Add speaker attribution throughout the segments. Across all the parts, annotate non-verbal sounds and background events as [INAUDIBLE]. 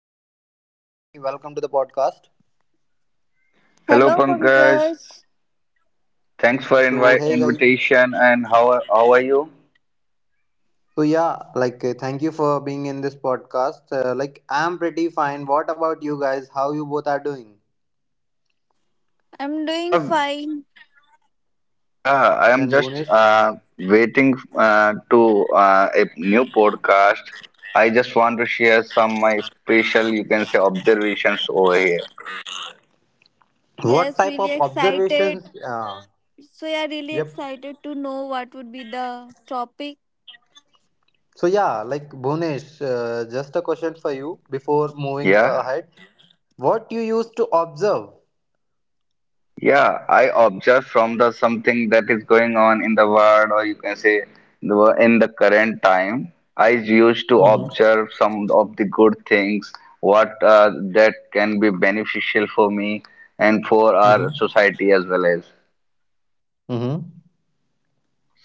Speaker 1: hello Bhunesh, hello Rajni, welcome to the podcast.
Speaker 2: Hello
Speaker 3: Hello,
Speaker 2: Pankaj,
Speaker 3: Pankaj.
Speaker 2: thanks for
Speaker 1: So
Speaker 2: invite
Speaker 1: hey guys,
Speaker 2: invitation and how are you?
Speaker 1: so yeah, thank you for being in this podcast. Like I'm pretty fine. What about you guys? How you both are doing?
Speaker 3: I'm doing
Speaker 2: Yeah,
Speaker 3: fine.
Speaker 2: yeah, I am
Speaker 1: And
Speaker 2: just
Speaker 1: Bhunesh,
Speaker 2: waiting to a new podcast. I just want to share some my special, you can say, observations over here.
Speaker 1: what
Speaker 3: Yes,
Speaker 1: type
Speaker 3: really
Speaker 1: of
Speaker 3: excited.
Speaker 1: observations?
Speaker 3: So, yeah, really
Speaker 1: Yep.
Speaker 3: excited to know what would be the topic.
Speaker 1: So yeah, like Bhunesh, just a question for you before moving
Speaker 2: Yeah.
Speaker 1: ahead. What you used to observe?
Speaker 2: Yeah, I observe from the something that is going on in the world, or you can say in the current time. I used to
Speaker 1: Mm-hmm.
Speaker 2: observe some of the good things, what that can be beneficial for me and for our
Speaker 1: Mm-hmm.
Speaker 2: society as well as.
Speaker 1: Mm-hmm.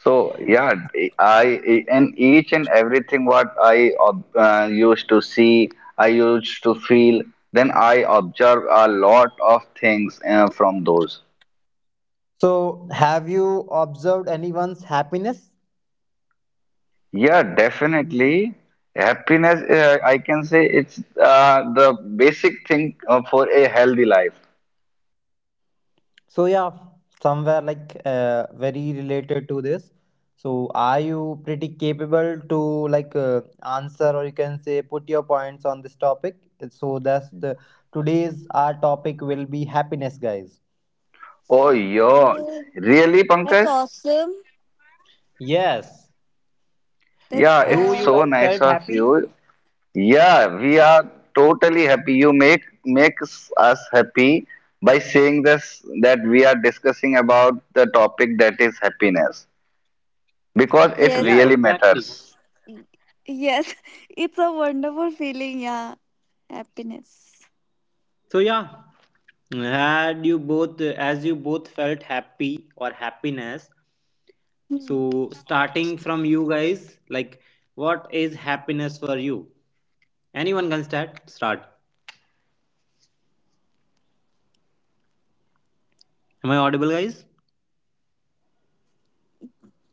Speaker 2: So yeah, I and each and everything what I used to see, I used to feel, then I observe a lot of things from those.
Speaker 1: So have you observed anyone's happiness?
Speaker 2: Yeah, definitely. Happiness, I can say it's the basic thing for a healthy life.
Speaker 1: So yeah, somewhere like very related to this. So are you pretty capable to answer, or you can say put your points on this topic? So that's the today's our topic will be happiness, guys.
Speaker 2: Oh, yours.
Speaker 3: Okay.
Speaker 2: Really,
Speaker 3: That's
Speaker 2: Pankaj?
Speaker 3: awesome.
Speaker 1: Yes.
Speaker 3: That's,
Speaker 2: Yeah,
Speaker 1: Do
Speaker 2: it's
Speaker 3: uh,
Speaker 1: you
Speaker 2: so
Speaker 1: guys
Speaker 2: nice
Speaker 1: felt
Speaker 2: of
Speaker 1: happy?
Speaker 2: you. Yeah, we are totally happy. You makes us happy by saying this that we are discussing about the topic that is happiness because it
Speaker 3: yes,
Speaker 1: Yeah,
Speaker 2: really
Speaker 1: exactly.
Speaker 2: matters.
Speaker 3: y- yes, [LAUGHS] it's a wonderful feeling. Yeah, happiness.
Speaker 1: So yeah, had you both as you both felt happy or happiness.
Speaker 3: Hmm.
Speaker 1: So starting from you guys, like what is happiness for you? Anyone can start. Start. Am I audible, guys?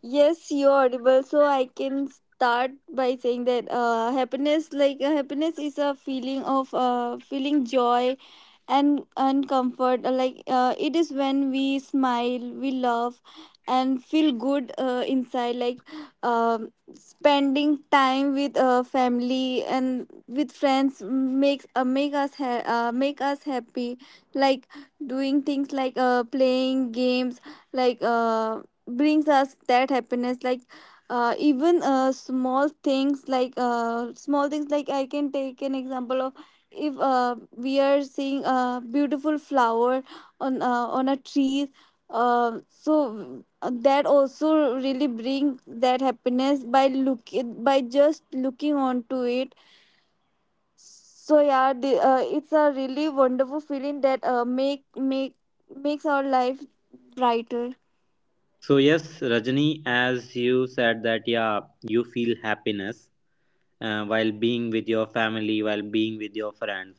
Speaker 3: Yes, you're audible. So, I can start by saying that happiness, happiness is a feeling of feeling joy and comfort, it is when we smile, we laugh and feel good inside. Spending time with family and with friends make us happy, like doing things playing games, like uh, brings us that happiness. Like even Small things, small things, I can take an example of, if we are seeing a beautiful flower on a tree. So that also really brings that happiness by look by just looking onto it. So yeah, it's a really wonderful feeling that makes our life brighter.
Speaker 1: So yes, Rajani, as you said that yeah, you feel happiness while being with your family, while being with your friends.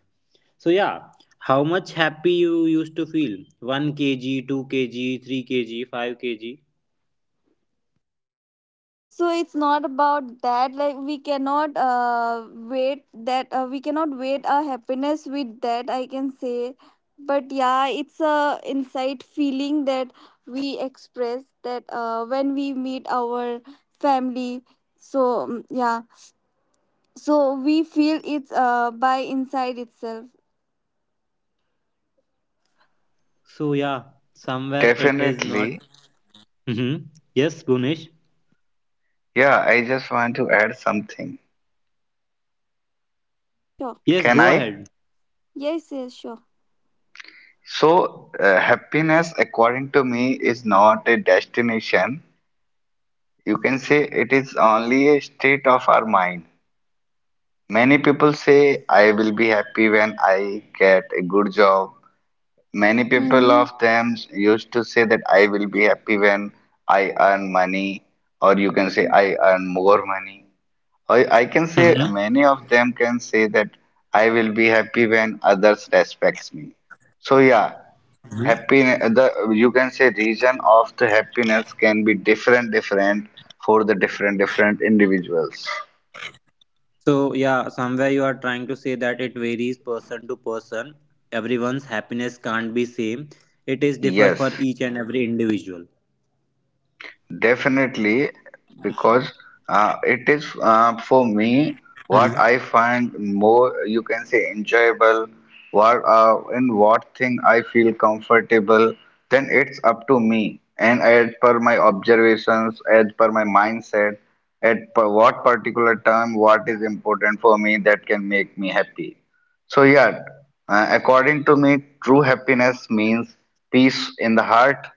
Speaker 1: So yeah, how much happy you used to feel? One kg, two kg, three kg, five kg.
Speaker 3: So it's not about that, like we cannot wait that we cannot wait our happiness with that, I can say. But yeah, it's a inside feeling that we express, that when we meet our family. So yeah, so we feel it's by inside itself.
Speaker 1: So yeah, somewhere it is not.
Speaker 2: Definitely.
Speaker 1: Mm-hmm. Yes, Bunish.
Speaker 2: Yeah, I just want to add something.
Speaker 3: Sure.
Speaker 1: Yes,
Speaker 2: Can
Speaker 1: go
Speaker 2: I?
Speaker 1: ahead.
Speaker 3: Yes, sure.
Speaker 2: So, happiness, according to me, is not a destination. You can say it is only a state of our mind. Many people say, I will be happy when I get a good job. Many people
Speaker 3: Hmm.
Speaker 2: of them used to say that I will be happy when I earn money, or you can say, I earn more money. Or I can say,
Speaker 1: Mm-hmm.
Speaker 2: many of them can say that I will be happy when others respects me. So yeah, happiness the you can say region of the happiness can be different different for the different different individuals.
Speaker 1: So yeah, somewhere you are trying to say that it varies person to person. Everyone's happiness can't be same. It is differ
Speaker 2: Yes,
Speaker 1: for each and every individual.
Speaker 2: definitely, because it is for me what I find more, you can say, enjoyable, what in what thing I feel comfortable, then it's up to me. And as per my observations, as per my mindset, at per what particular time, what is important for me that can make me happy. So, yeah, according to me, true happiness means peace in the heart,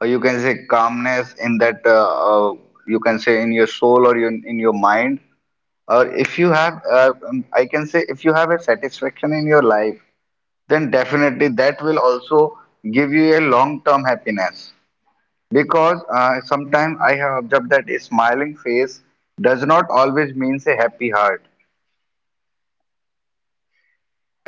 Speaker 2: or you can say calmness in that, you can say in your soul or in your mind. Or if you have, I can say, if you have a satisfaction in your life, then definitely that will also give you a long term happiness. Because sometimes I have observed that a smiling face does not always means a happy heart.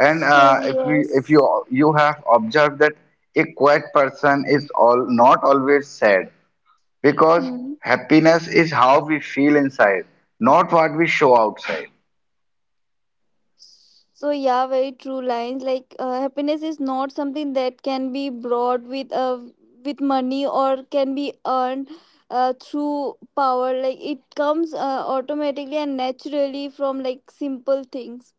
Speaker 2: And if you
Speaker 3: yes.
Speaker 2: you have observed that a quiet person is all not always sad because
Speaker 3: Mm-hmm.
Speaker 2: happiness is how we feel inside, not what we show outside.
Speaker 3: So yeah, very true lines. Like happiness is not something that can be bought with money or can be earned through power. Like it comes automatically and naturally from like simple things.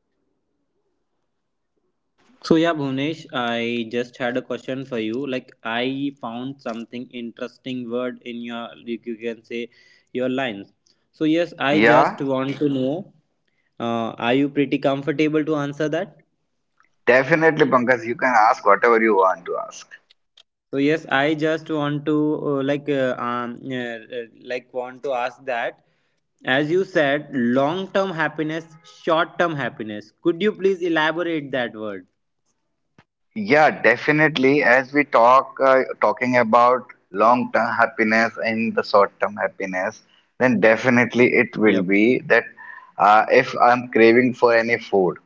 Speaker 1: So yeah, Bhuvnesh, I just had a question for you. Like, I found something interesting word in your, you can say, your lines. So yes, I just
Speaker 2: Yeah,
Speaker 1: want to know, are you pretty comfortable to answer that?
Speaker 2: definitely, Pankaj. You can ask whatever you want to ask.
Speaker 1: So yes, I just want to uh, like uh, um uh, uh, like want to ask that as you said long term happiness, short term happiness. Could you please elaborate that word?
Speaker 2: Yeah, definitely. As we talking about long-term happiness and the short-term happiness, then definitely it will
Speaker 1: Yeah,
Speaker 2: be that if I'm craving for any food.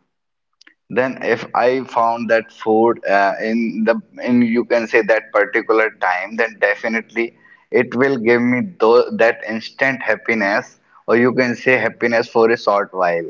Speaker 2: Then if I found that food in the in you can say that particular time, then definitely it will give me that instant happiness, or you can say happiness for a short while.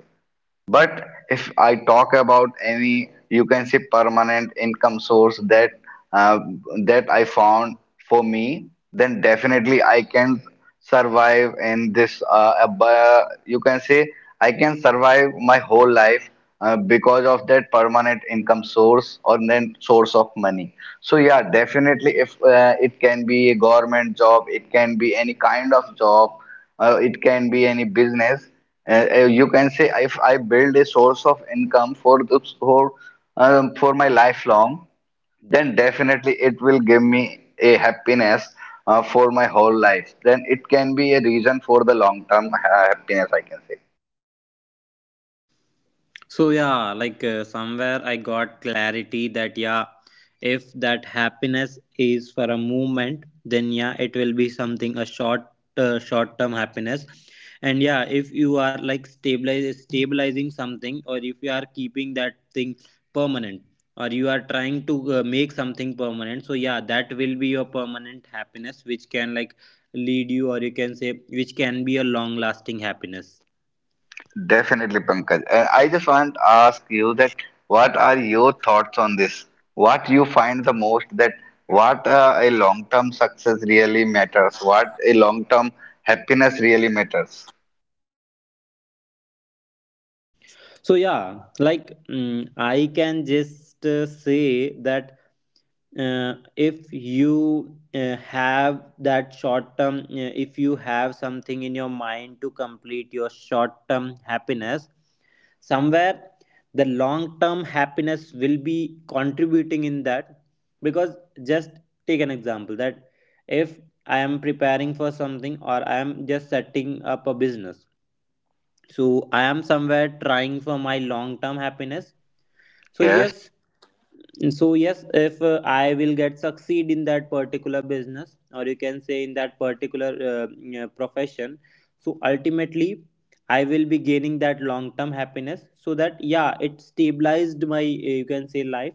Speaker 2: But if I talk about any, you can say permanent income source that uh, that I found for me, then definitely I can survive in this. You can say I can survive my whole life because of that permanent income source or then source of money. So yeah, definitely if it can be a government job, it can be any kind of job it can be any business you can say if I build a source of income for for my lifelong, then definitely it will give me a happiness for my whole life, then it can be a reason for the long term happiness I can say.
Speaker 1: so yeah, somewhere I got clarity that yeah, if that happiness is for a moment, then yeah, it will be something a short term happiness. And yeah, if you are like stabilize stabilizing something, or if you are keeping that thing permanent, or you are trying to make something permanent, so yeah, that will be your permanent happiness, which can like lead you, or you can say, which can be a long lasting happiness.
Speaker 2: Definitely, Pankaj. And I just want to ask you that what are your thoughts on this? What you find the most that what a long-term success really matters, what a long-term happiness really matters.
Speaker 1: So yeah, like I can just say that if you have that short term if you have something in your mind to complete your short term happiness, somewhere the long term happiness will be contributing in that, because just take an example that if I am preparing for something, or I am just setting up a business, so I am somewhere trying for my long term happiness. So
Speaker 2: Yes.
Speaker 1: yes, so yes, if I will get succeed in that particular business, or you can say in that particular yeah, profession, so ultimately I will be gaining that long term happiness, so that yeah it stabilized my you can say life.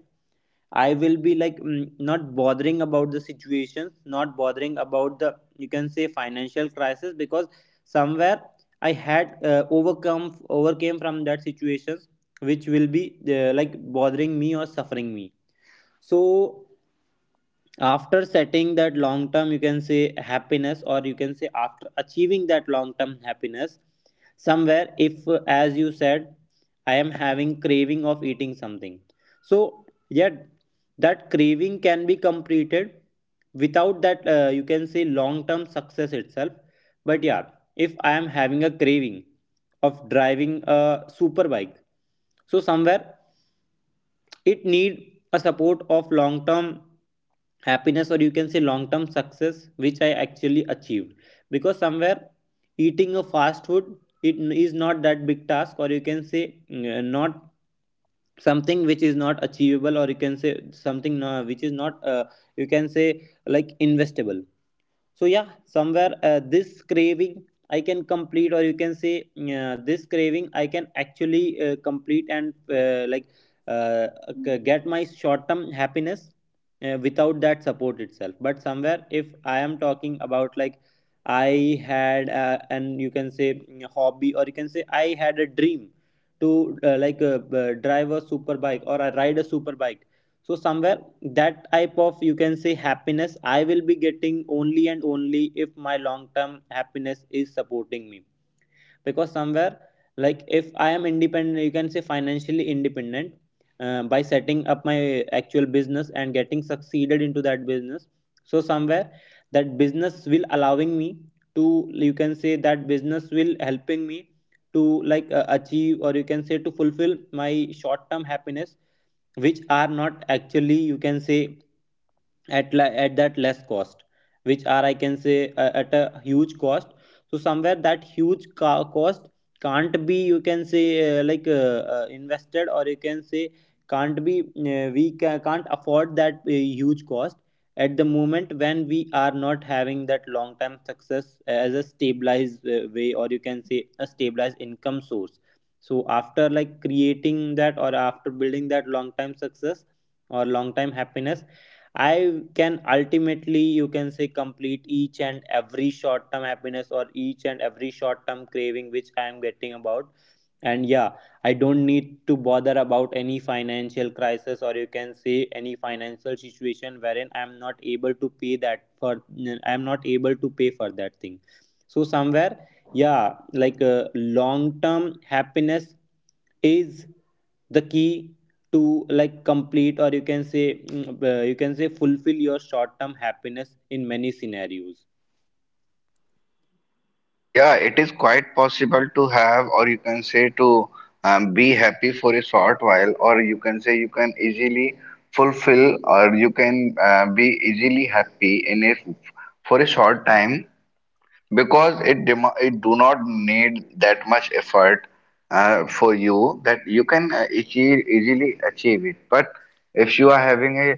Speaker 1: I will be like not bothering about the situations, not bothering about the you can say financial crisis, because somewhere I had overcome overcame from that situations, which will be like bothering me or suffering me. So after setting that long term you can say happiness, or you can say after achieving that long term happiness, somewhere if as you said I am having craving of eating something, so yet that craving can be completed without that you can say long term success itself. But yeah, if I am having a craving of driving a super bike, so somewhere it need a support of long term happiness, or you can say long term success, which I actually achieved, because somewhere eating a fast food, it is not that big task, or you can say not something which is not achievable, or you can say something which is not you can say like investable. So yeah, somewhere this craving I can complete, or you can say this craving I can actually complete and like uh, get my short term happiness without that support itself. But somewhere if I am talking about like I had and you can say hobby, or you can say I had a dream to drive a super bike, or I ride a super bike, so somewhere that type of you can say happiness I will be getting only and only if my long term happiness is supporting me. Because somewhere like if I am independent, you can say financially independent, by setting up my actual business and getting succeeded into that business, so somewhere that business will allowing me to you can say that business will helping me to achieve, or you can say to fulfill my short term happiness, which are not actually you can say at at that less cost, which are I can say at a huge cost. So somewhere that huge cost can't be you can say invested, or you can say can't be can't afford that huge cost at the moment when we are not having that long term success as a stabilized way, or you can say a stabilized income source. So after like creating that, or after building that long time success or long time happiness, I can ultimately you can say complete each and every short term happiness, or each and every short term craving which I am getting about. And yeah, I don't need to bother about any financial crisis, or you can say any financial situation wherein I'm not able to pay that for, I'm not able to pay for that thing. So somewhere yeah, long term happiness is the key to like complete, or you can say you can say fulfill your short term happiness in many scenarios.
Speaker 2: Yeah, it is quite possible to have, or you can say to be happy for a short while, or you can say you can easily fulfill, or you can be easily happy in a for a short time because it do not need that much effort for you that you can easily achieve it. But if you are having a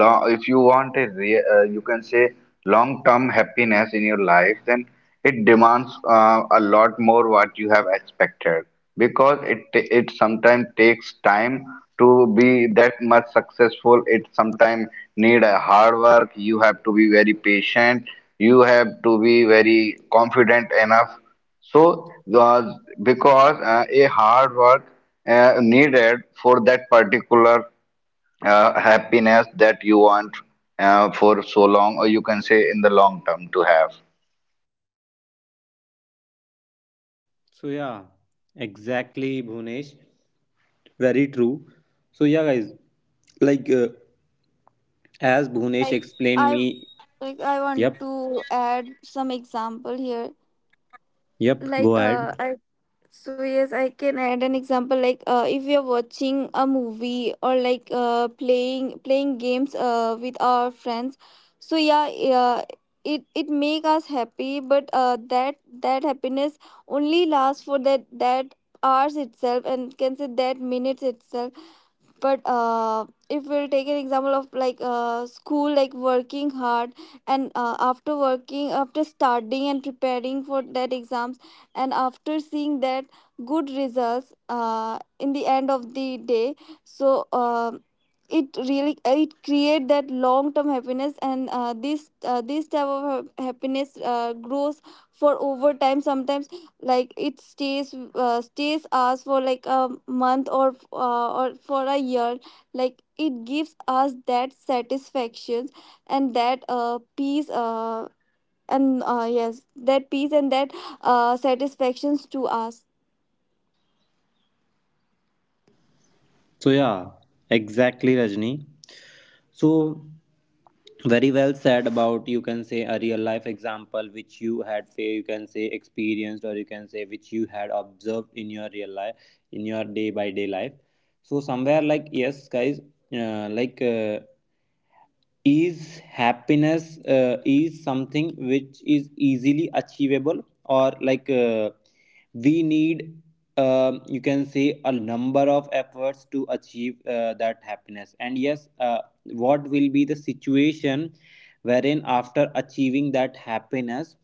Speaker 2: long, if you want a you can say long term happiness in your life, then it demands a lot more what you have expected because it sometimes takes time to be that much successful. It sometimes need a hard work. You have to be very patient. You have to be very confident enough. So uh, because a hard work needed for that particular happiness that you want for so long, or you can say in the long term to have.
Speaker 1: So yeah, exactly Bhunesh. Very true. So yeah, guys, like uh, as Bhunesh
Speaker 3: Like
Speaker 1: explained
Speaker 3: I
Speaker 1: me.
Speaker 3: I want
Speaker 1: Yep,
Speaker 3: to add some example here.
Speaker 1: yep.
Speaker 3: Like
Speaker 1: Go ahead.
Speaker 3: I So yes, I can add an example, if we are watching a movie or playing games with our friends. So yeah, it make us happy, but that happiness only lasts for that hours itself, and can say that minutes itself. But if we'll take an example of school, like working hard and after studying and preparing for that exams, and after seeing that good results in the end of the day. So it really it create that long term happiness. And this type of happiness grows for over time sometimes. Like it stays us for like a month, or for a year. Like it gives us that satisfaction and that peace and yes, that peace and that satisfactions to us.
Speaker 1: So yeah, exactly, Rajni. So very well said about you can say a real life example which you had say you can say experienced, or you can say which you had observed in your real life, in your day by day life. So somewhere like yes, guys, uh, like. Uh, is happiness is something which is easily achievable, or we need you can see a number of efforts to achieve that happiness. And yes, what will be the situation wherein after achieving that happiness,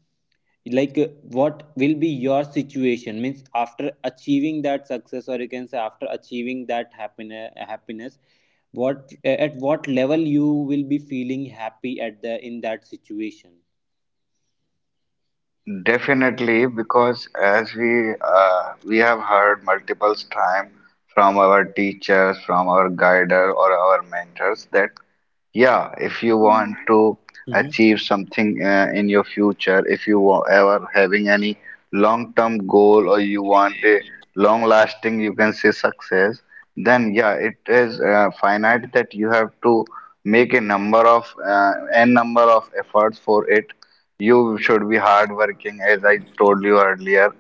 Speaker 1: what will be your situation, means after achieving that success, or you can say after achieving that happiness, what at what level you will be feeling happy at the in that situation.
Speaker 2: Definitely, because as we have heard multiple times from our teachers, from our guider or our mentors that yeah, if you want to
Speaker 1: Hmm.
Speaker 2: achieve something in your future, if you wa- ever having any long-term goal or you want a long-lasting, you can say success, then yeah, it is finite that you have to make a number of n number of efforts for it. You should be hardworking, as I told you earlier.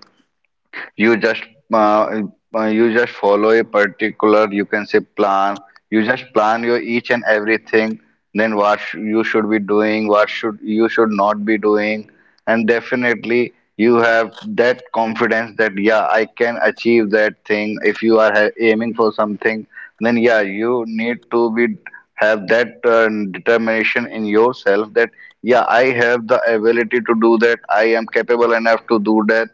Speaker 2: You just uh, you just follow a particular you can say plan, you just plan your each and everything, then you should be doing, what should you should not be doing. And definitely you have that confidence that yeah, I can achieve that thing. If you are aiming for something, then yeah you need to be have that determination in yourself that yeah, I have the ability to do that, I am capable enough to do that.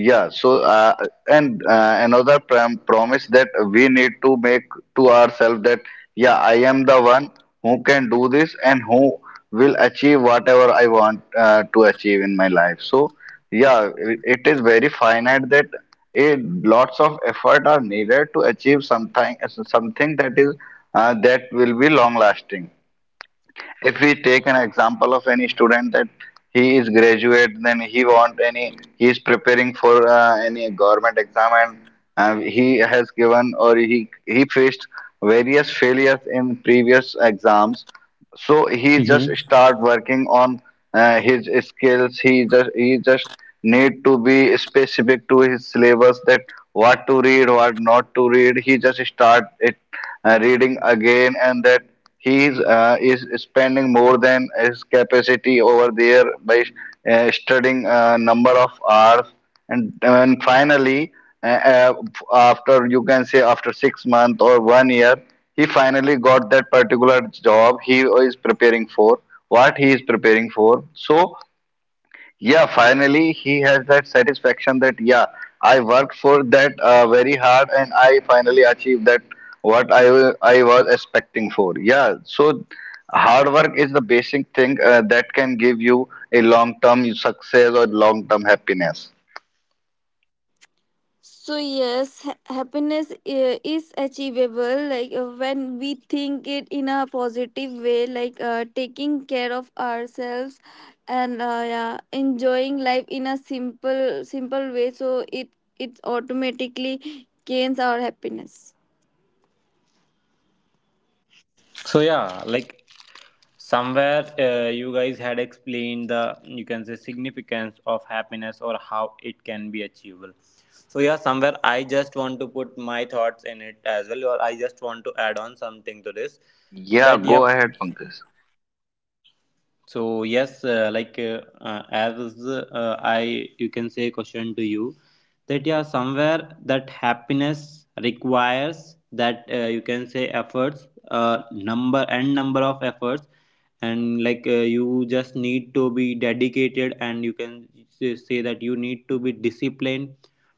Speaker 2: Yeah, so and another promise that we need to make to ourselves that yeah, I am the one who can do this and who will achieve whatever I want to achieve in my life. So yeah, it is very finite that a lots of effort are needed to achieve something, something that is that will be long lasting. If we take an example of any student that he is graduate, then he want any he is preparing for any government exam and he has given or he faced various failures in previous exams, so he just
Speaker 1: Hmm.
Speaker 2: start working on his skills. He just need to be specific to his syllabus that what to read, what not to read. He just start it reading again and that he is spending more than his capacity over there by studying a number of hours. And finally uh, uh, after you can say after 6 months or one year he finally got that particular job he is preparing for what he is preparing for. So yeah, finally he has that satisfaction that yeah, I worked for that very hard and I finally achieved that I was expecting for. Yeah, so hard work is the basic thing that can give you a long term success or long term happiness.
Speaker 3: So yes, happiness is achievable. Like when we think it in a positive way, like taking care of ourselves and yeah, enjoying life in a simple, simple way. So it it automatically gains our happiness.
Speaker 1: So yeah, like somewhere you guys had explained the you can say significance of happiness, or how it can be achievable. So yeah, somewhere I just want to put my thoughts in it as well, or I just want to add on something to this.
Speaker 2: Yeah,
Speaker 1: That
Speaker 2: go
Speaker 1: yep,
Speaker 2: ahead, Pankaj.
Speaker 1: so yes, like as I you can say question to you that yeah, somewhere that happiness requires that you can say efforts, number and number of efforts. And you just need to be dedicated, and you can say say that you need to be disciplined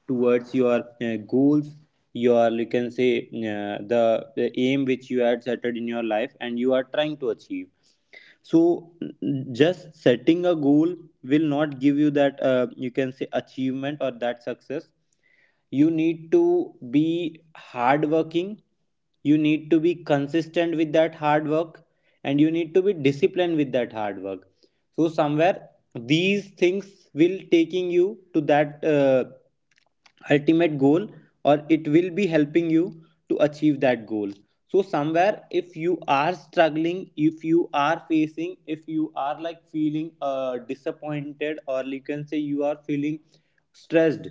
Speaker 1: towards your goals, your you can say uh, the, the aim which you had set in your life and you are trying to achieve. So just setting a goal will not give you that you can say achievement or that success. You need to be hardworking, you need to be consistent with that hard work, and you need to be disciplined with that hard work. So somewhere these things will taking you to that ultimate goal, or it will be helping you to achieve that goal. So somewhere if you are struggling, if you are facing, if you are like feeling disappointed, or you can say you are feeling stressed,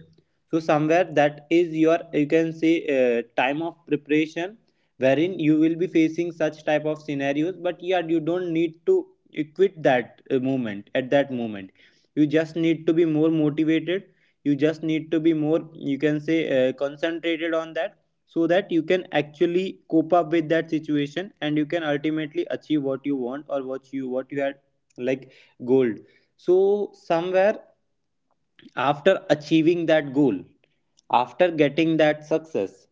Speaker 1: so somewhere that is your you can say time of preparation wherein you will be facing such type of scenarios. But yeah, you don't need to you quit that moment, at that moment you just need to be more motivated, you just need to be more you can say concentrated on that, so that you can actually cope up with that situation and you can ultimately achieve what you want, or what you had like gold. So somewhere after achieving that goal, after getting that success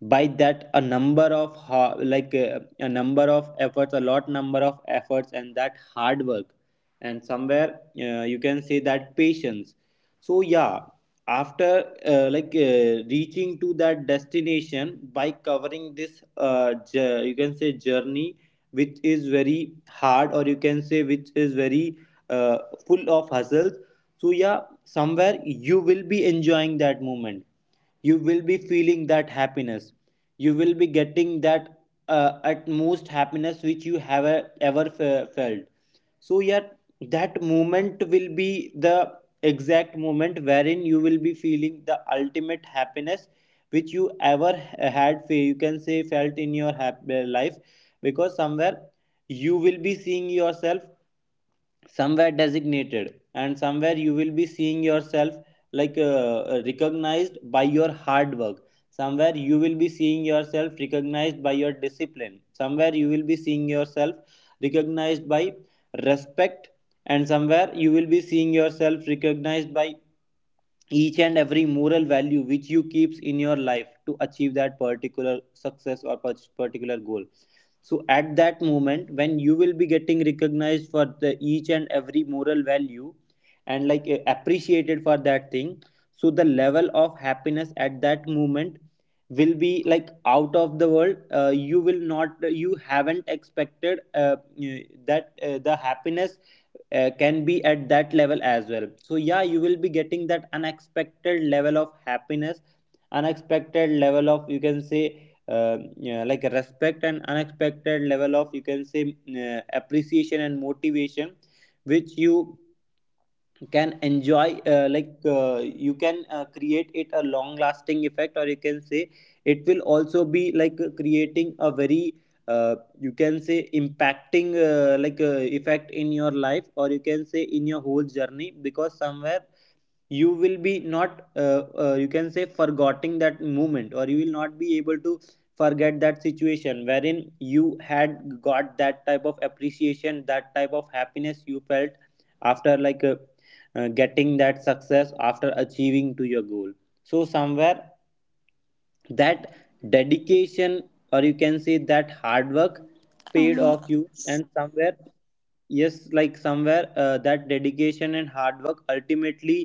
Speaker 1: by that a number of a number of efforts, a lot number of efforts and that hard work, and somewhere you can say that patience. So yeah, after reaching to that destination by covering this you can say Journey which is very hard, or you can say which is very uh, full of hustles. So yeah, somewhere you will be enjoying that moment, you will be feeling that happiness, you will be getting that utmost happiness which you have ever felt. So yeah, that moment will be the exact moment wherein you will be feeling the ultimate happiness which you ever had you can say felt in your life, because somewhere you will be seeing yourself somewhere designated, and somewhere you will be seeing yourself like uh, recognized by your hard work, somewhere you will be seeing yourself recognized by your discipline, somewhere you will be seeing yourself recognized by respect, and somewhere you will be seeing yourself recognized by each and every moral value which you keeps in your life to achieve that particular success or particular goal. So at that moment when you will be getting recognized for the each and every moral value and like appreciated for that thing, so the level of happiness at that moment will be like out of the world. You will not, you haven't expected eh, that the happiness can be at that level as well. So yeah, you will be getting that unexpected level of happiness, unexpected level of, you can say, yeah, like a respect, and unexpected level of, you can say, appreciation and motivation which you can enjoy. You can create it a long lasting effect, or you can say it will also be like creating a very uh, you can say impacting effect in your life, or you can say in your whole journey, because somewhere you will be not you can say forgetting that moment, or you will not be able to forget that situation wherein you had got that type of appreciation, that type of happiness you felt after getting that success, after achieving to your goal. So somewhere that dedication, or you can say that hard work, paid off you, and somewhere yes, like somewhere that dedication and hard work ultimately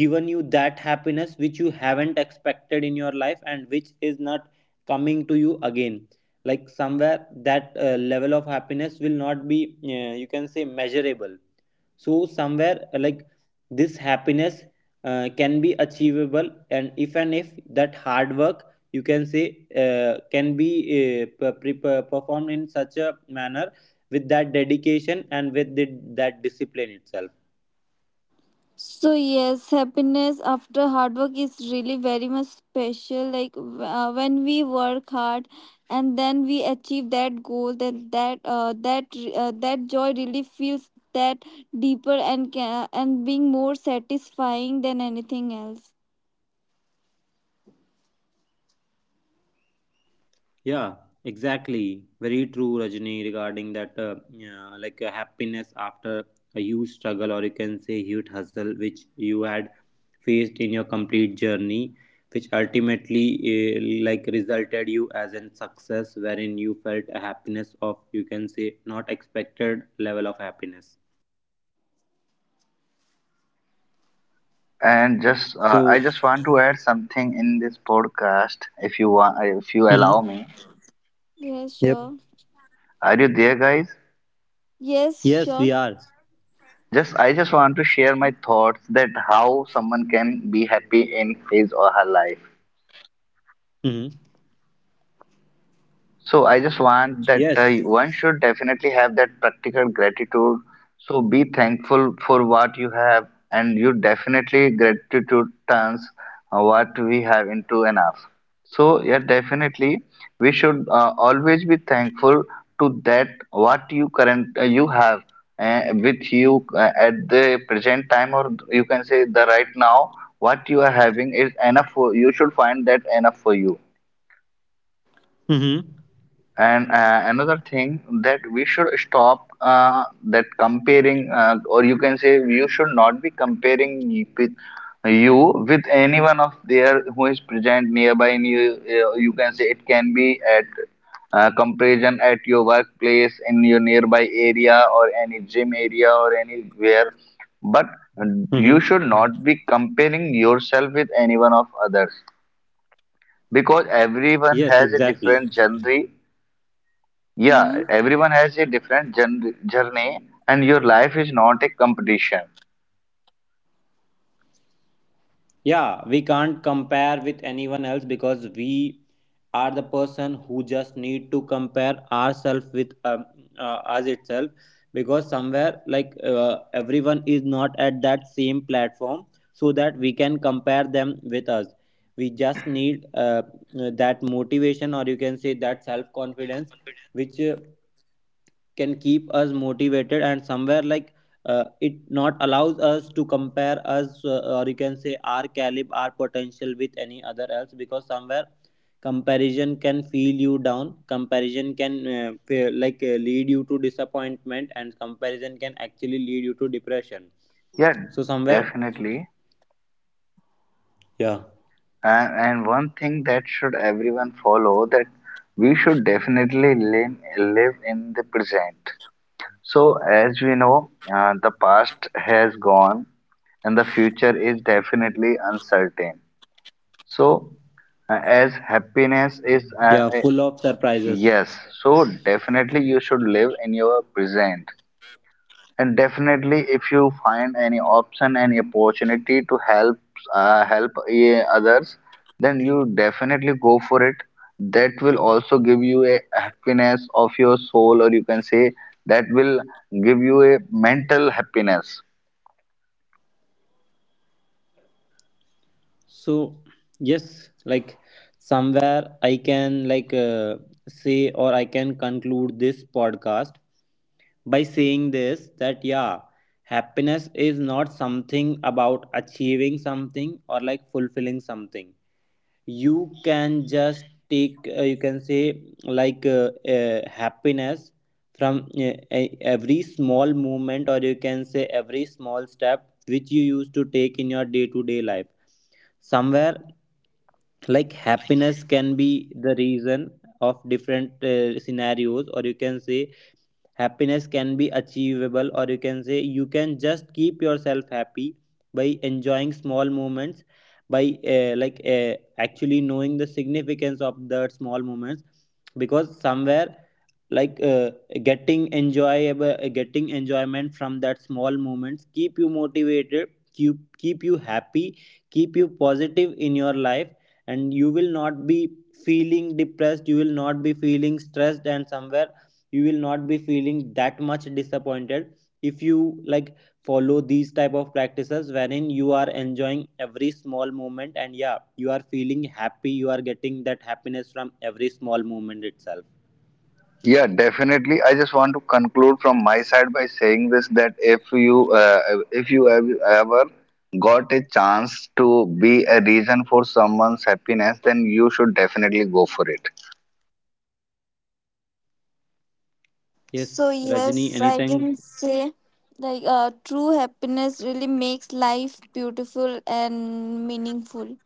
Speaker 1: given you that happiness which you haven't expected in your life, and which is not coming to you again. Like somewhere that level of happiness will not be, you can say, measurable. So somewhere like this happiness can be achievable, and if that hard work, you can say, can be performed in such a manner, with that dedication and with the, that discipline itself.
Speaker 3: So yes, happiness after hard work is really very much special. Like when we work hard and then we achieve that goal, then that joy really feels that deeper and can, and being more satisfying than anything else.
Speaker 1: Yeah, exactly. Very true, Rajni, regarding that, yeah, like happiness after a huge struggle, or you can say huge hustle, which you had faced in your complete journey, which ultimately like resulted you as in success, wherein you felt a happiness of, you can say, not expected level of happiness.
Speaker 2: And just
Speaker 1: So,
Speaker 2: I just want to add something in this podcast, if you want, if you allow
Speaker 1: mhm.
Speaker 2: me.
Speaker 3: Yes,
Speaker 1: Yep.
Speaker 3: sure.
Speaker 2: Are you there, guys?
Speaker 3: Yes,
Speaker 1: Yes,
Speaker 3: sure.
Speaker 1: we are.
Speaker 2: Just I just want to share my thoughts that how someone can be happy in his or her life.
Speaker 1: Hmm.
Speaker 2: So I just want that
Speaker 1: Yes.
Speaker 2: one should definitely have that practical gratitude. So be thankful for what you have, and you definitely gratitude turns what we have into enough. So yeah, definitely we should always be thankful to that what you current you have with you at the present time, or you can say the right now what you are having is enough for you, should find that enough for you.
Speaker 1: Hmm.
Speaker 2: And another thing that we should stop that comparing, or you can say you should not be comparing with you with anyone of there who is present nearby. And you, you can say it can be at comparison at your workplace, in your nearby area, or any gym area, or anywhere. But uh, you
Speaker 1: Hmm.
Speaker 2: should not be comparing yourself with anyone of others because everyone
Speaker 1: Yes,
Speaker 2: has a
Speaker 1: exactly.
Speaker 2: different journey. Yeah,
Speaker 3: Hmm.
Speaker 2: everyone has a different journey, and your life is not a competition.
Speaker 1: Yeah, we can't compare with anyone else, because we are the person who just need to compare ourselves with us itself, because somewhere like everyone is not at that same platform, so that we can compare them with us. We just need that motivation, or you can say that self confidence, which can keep us motivated, and somewhere like it not allows us to compare us, or you can say our caliber, our potential, with any other else, because somewhere comparison can feel you down, comparison can lead you to disappointment, and comparison can actually lead you to depression.
Speaker 2: Yeah,
Speaker 1: So somewhere,
Speaker 2: definitely.
Speaker 1: yeah.
Speaker 2: And one thing that should everyone follow that we should definitely live in the present. So as we know, the past has gone, and the future is definitely uncertain. So as happiness is
Speaker 1: Yeah, full of surprises.
Speaker 2: yes, so definitely you should live in your present. And definitely, if you find any option, any opportunity to help help others, then you definitely go for it. That will also give you a happiness of your soul, or you can say that will give you a mental happiness.
Speaker 1: So yes, like somewhere I can like say, or I can conclude this podcast by saying this, that yeah, happiness is not something about achieving something or like fulfilling something. You can just take you can say like happiness from every small movement, or you can say every small step which you used to take in your day to day life. Somewhere like happiness can be the reason of different scenarios, or you can say happiness can be achievable, or you can say you can just keep yourself happy by enjoying small moments, by actually knowing the significance of the small moments, because somewhere like uh, getting enjoyable getting enjoyment from that small moments keep you motivated, keep you happy, keep you positive in your life, and you will not be feeling depressed, you will not be feeling stressed, and somewhere you will not be feeling that much disappointed if you like follow these type of practices wherein you are enjoying every small moment, and yeah, you are feeling happy, you are getting that happiness from every small moment itself.
Speaker 2: Yeah, definitely. I just want to conclude from my side by saying this that if you have ever got a chance to be a reason for someone's happiness, then you should definitely go for it.
Speaker 1: Yes,
Speaker 3: So
Speaker 1: Rajni,
Speaker 3: yes, I
Speaker 1: anything?
Speaker 3: can say, like true happiness really makes life beautiful and meaningful.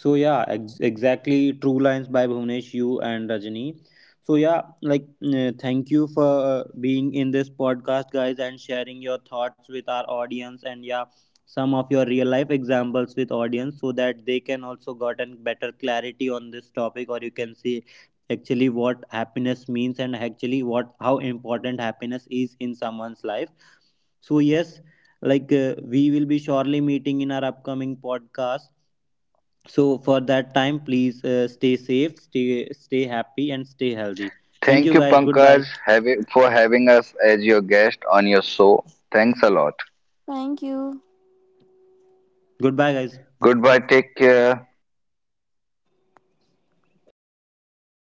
Speaker 1: So yeah, exactly. True lines by Bhuvnesh, you and Rajani. So yeah, like thank you for being in this podcast, guys, and sharing your thoughts with our audience, and yeah, some of your real life examples with audience, so that they can also gotten better clarity on this topic, or you can see actually what happiness means, and actually what how important happiness is in someone's life. So yes, like we will be surely meeting in our upcoming podcast, so for that time please stay safe, stay happy and stay healthy. Thank
Speaker 2: Thank
Speaker 1: you
Speaker 2: you,
Speaker 1: guys, goodbye.
Speaker 2: Pankaj, for having us as your guest on your show. Thanks a lot.
Speaker 3: Thank you.
Speaker 1: Goodbye guys.
Speaker 2: Goodbye. Take care.
Speaker 3: Your presence really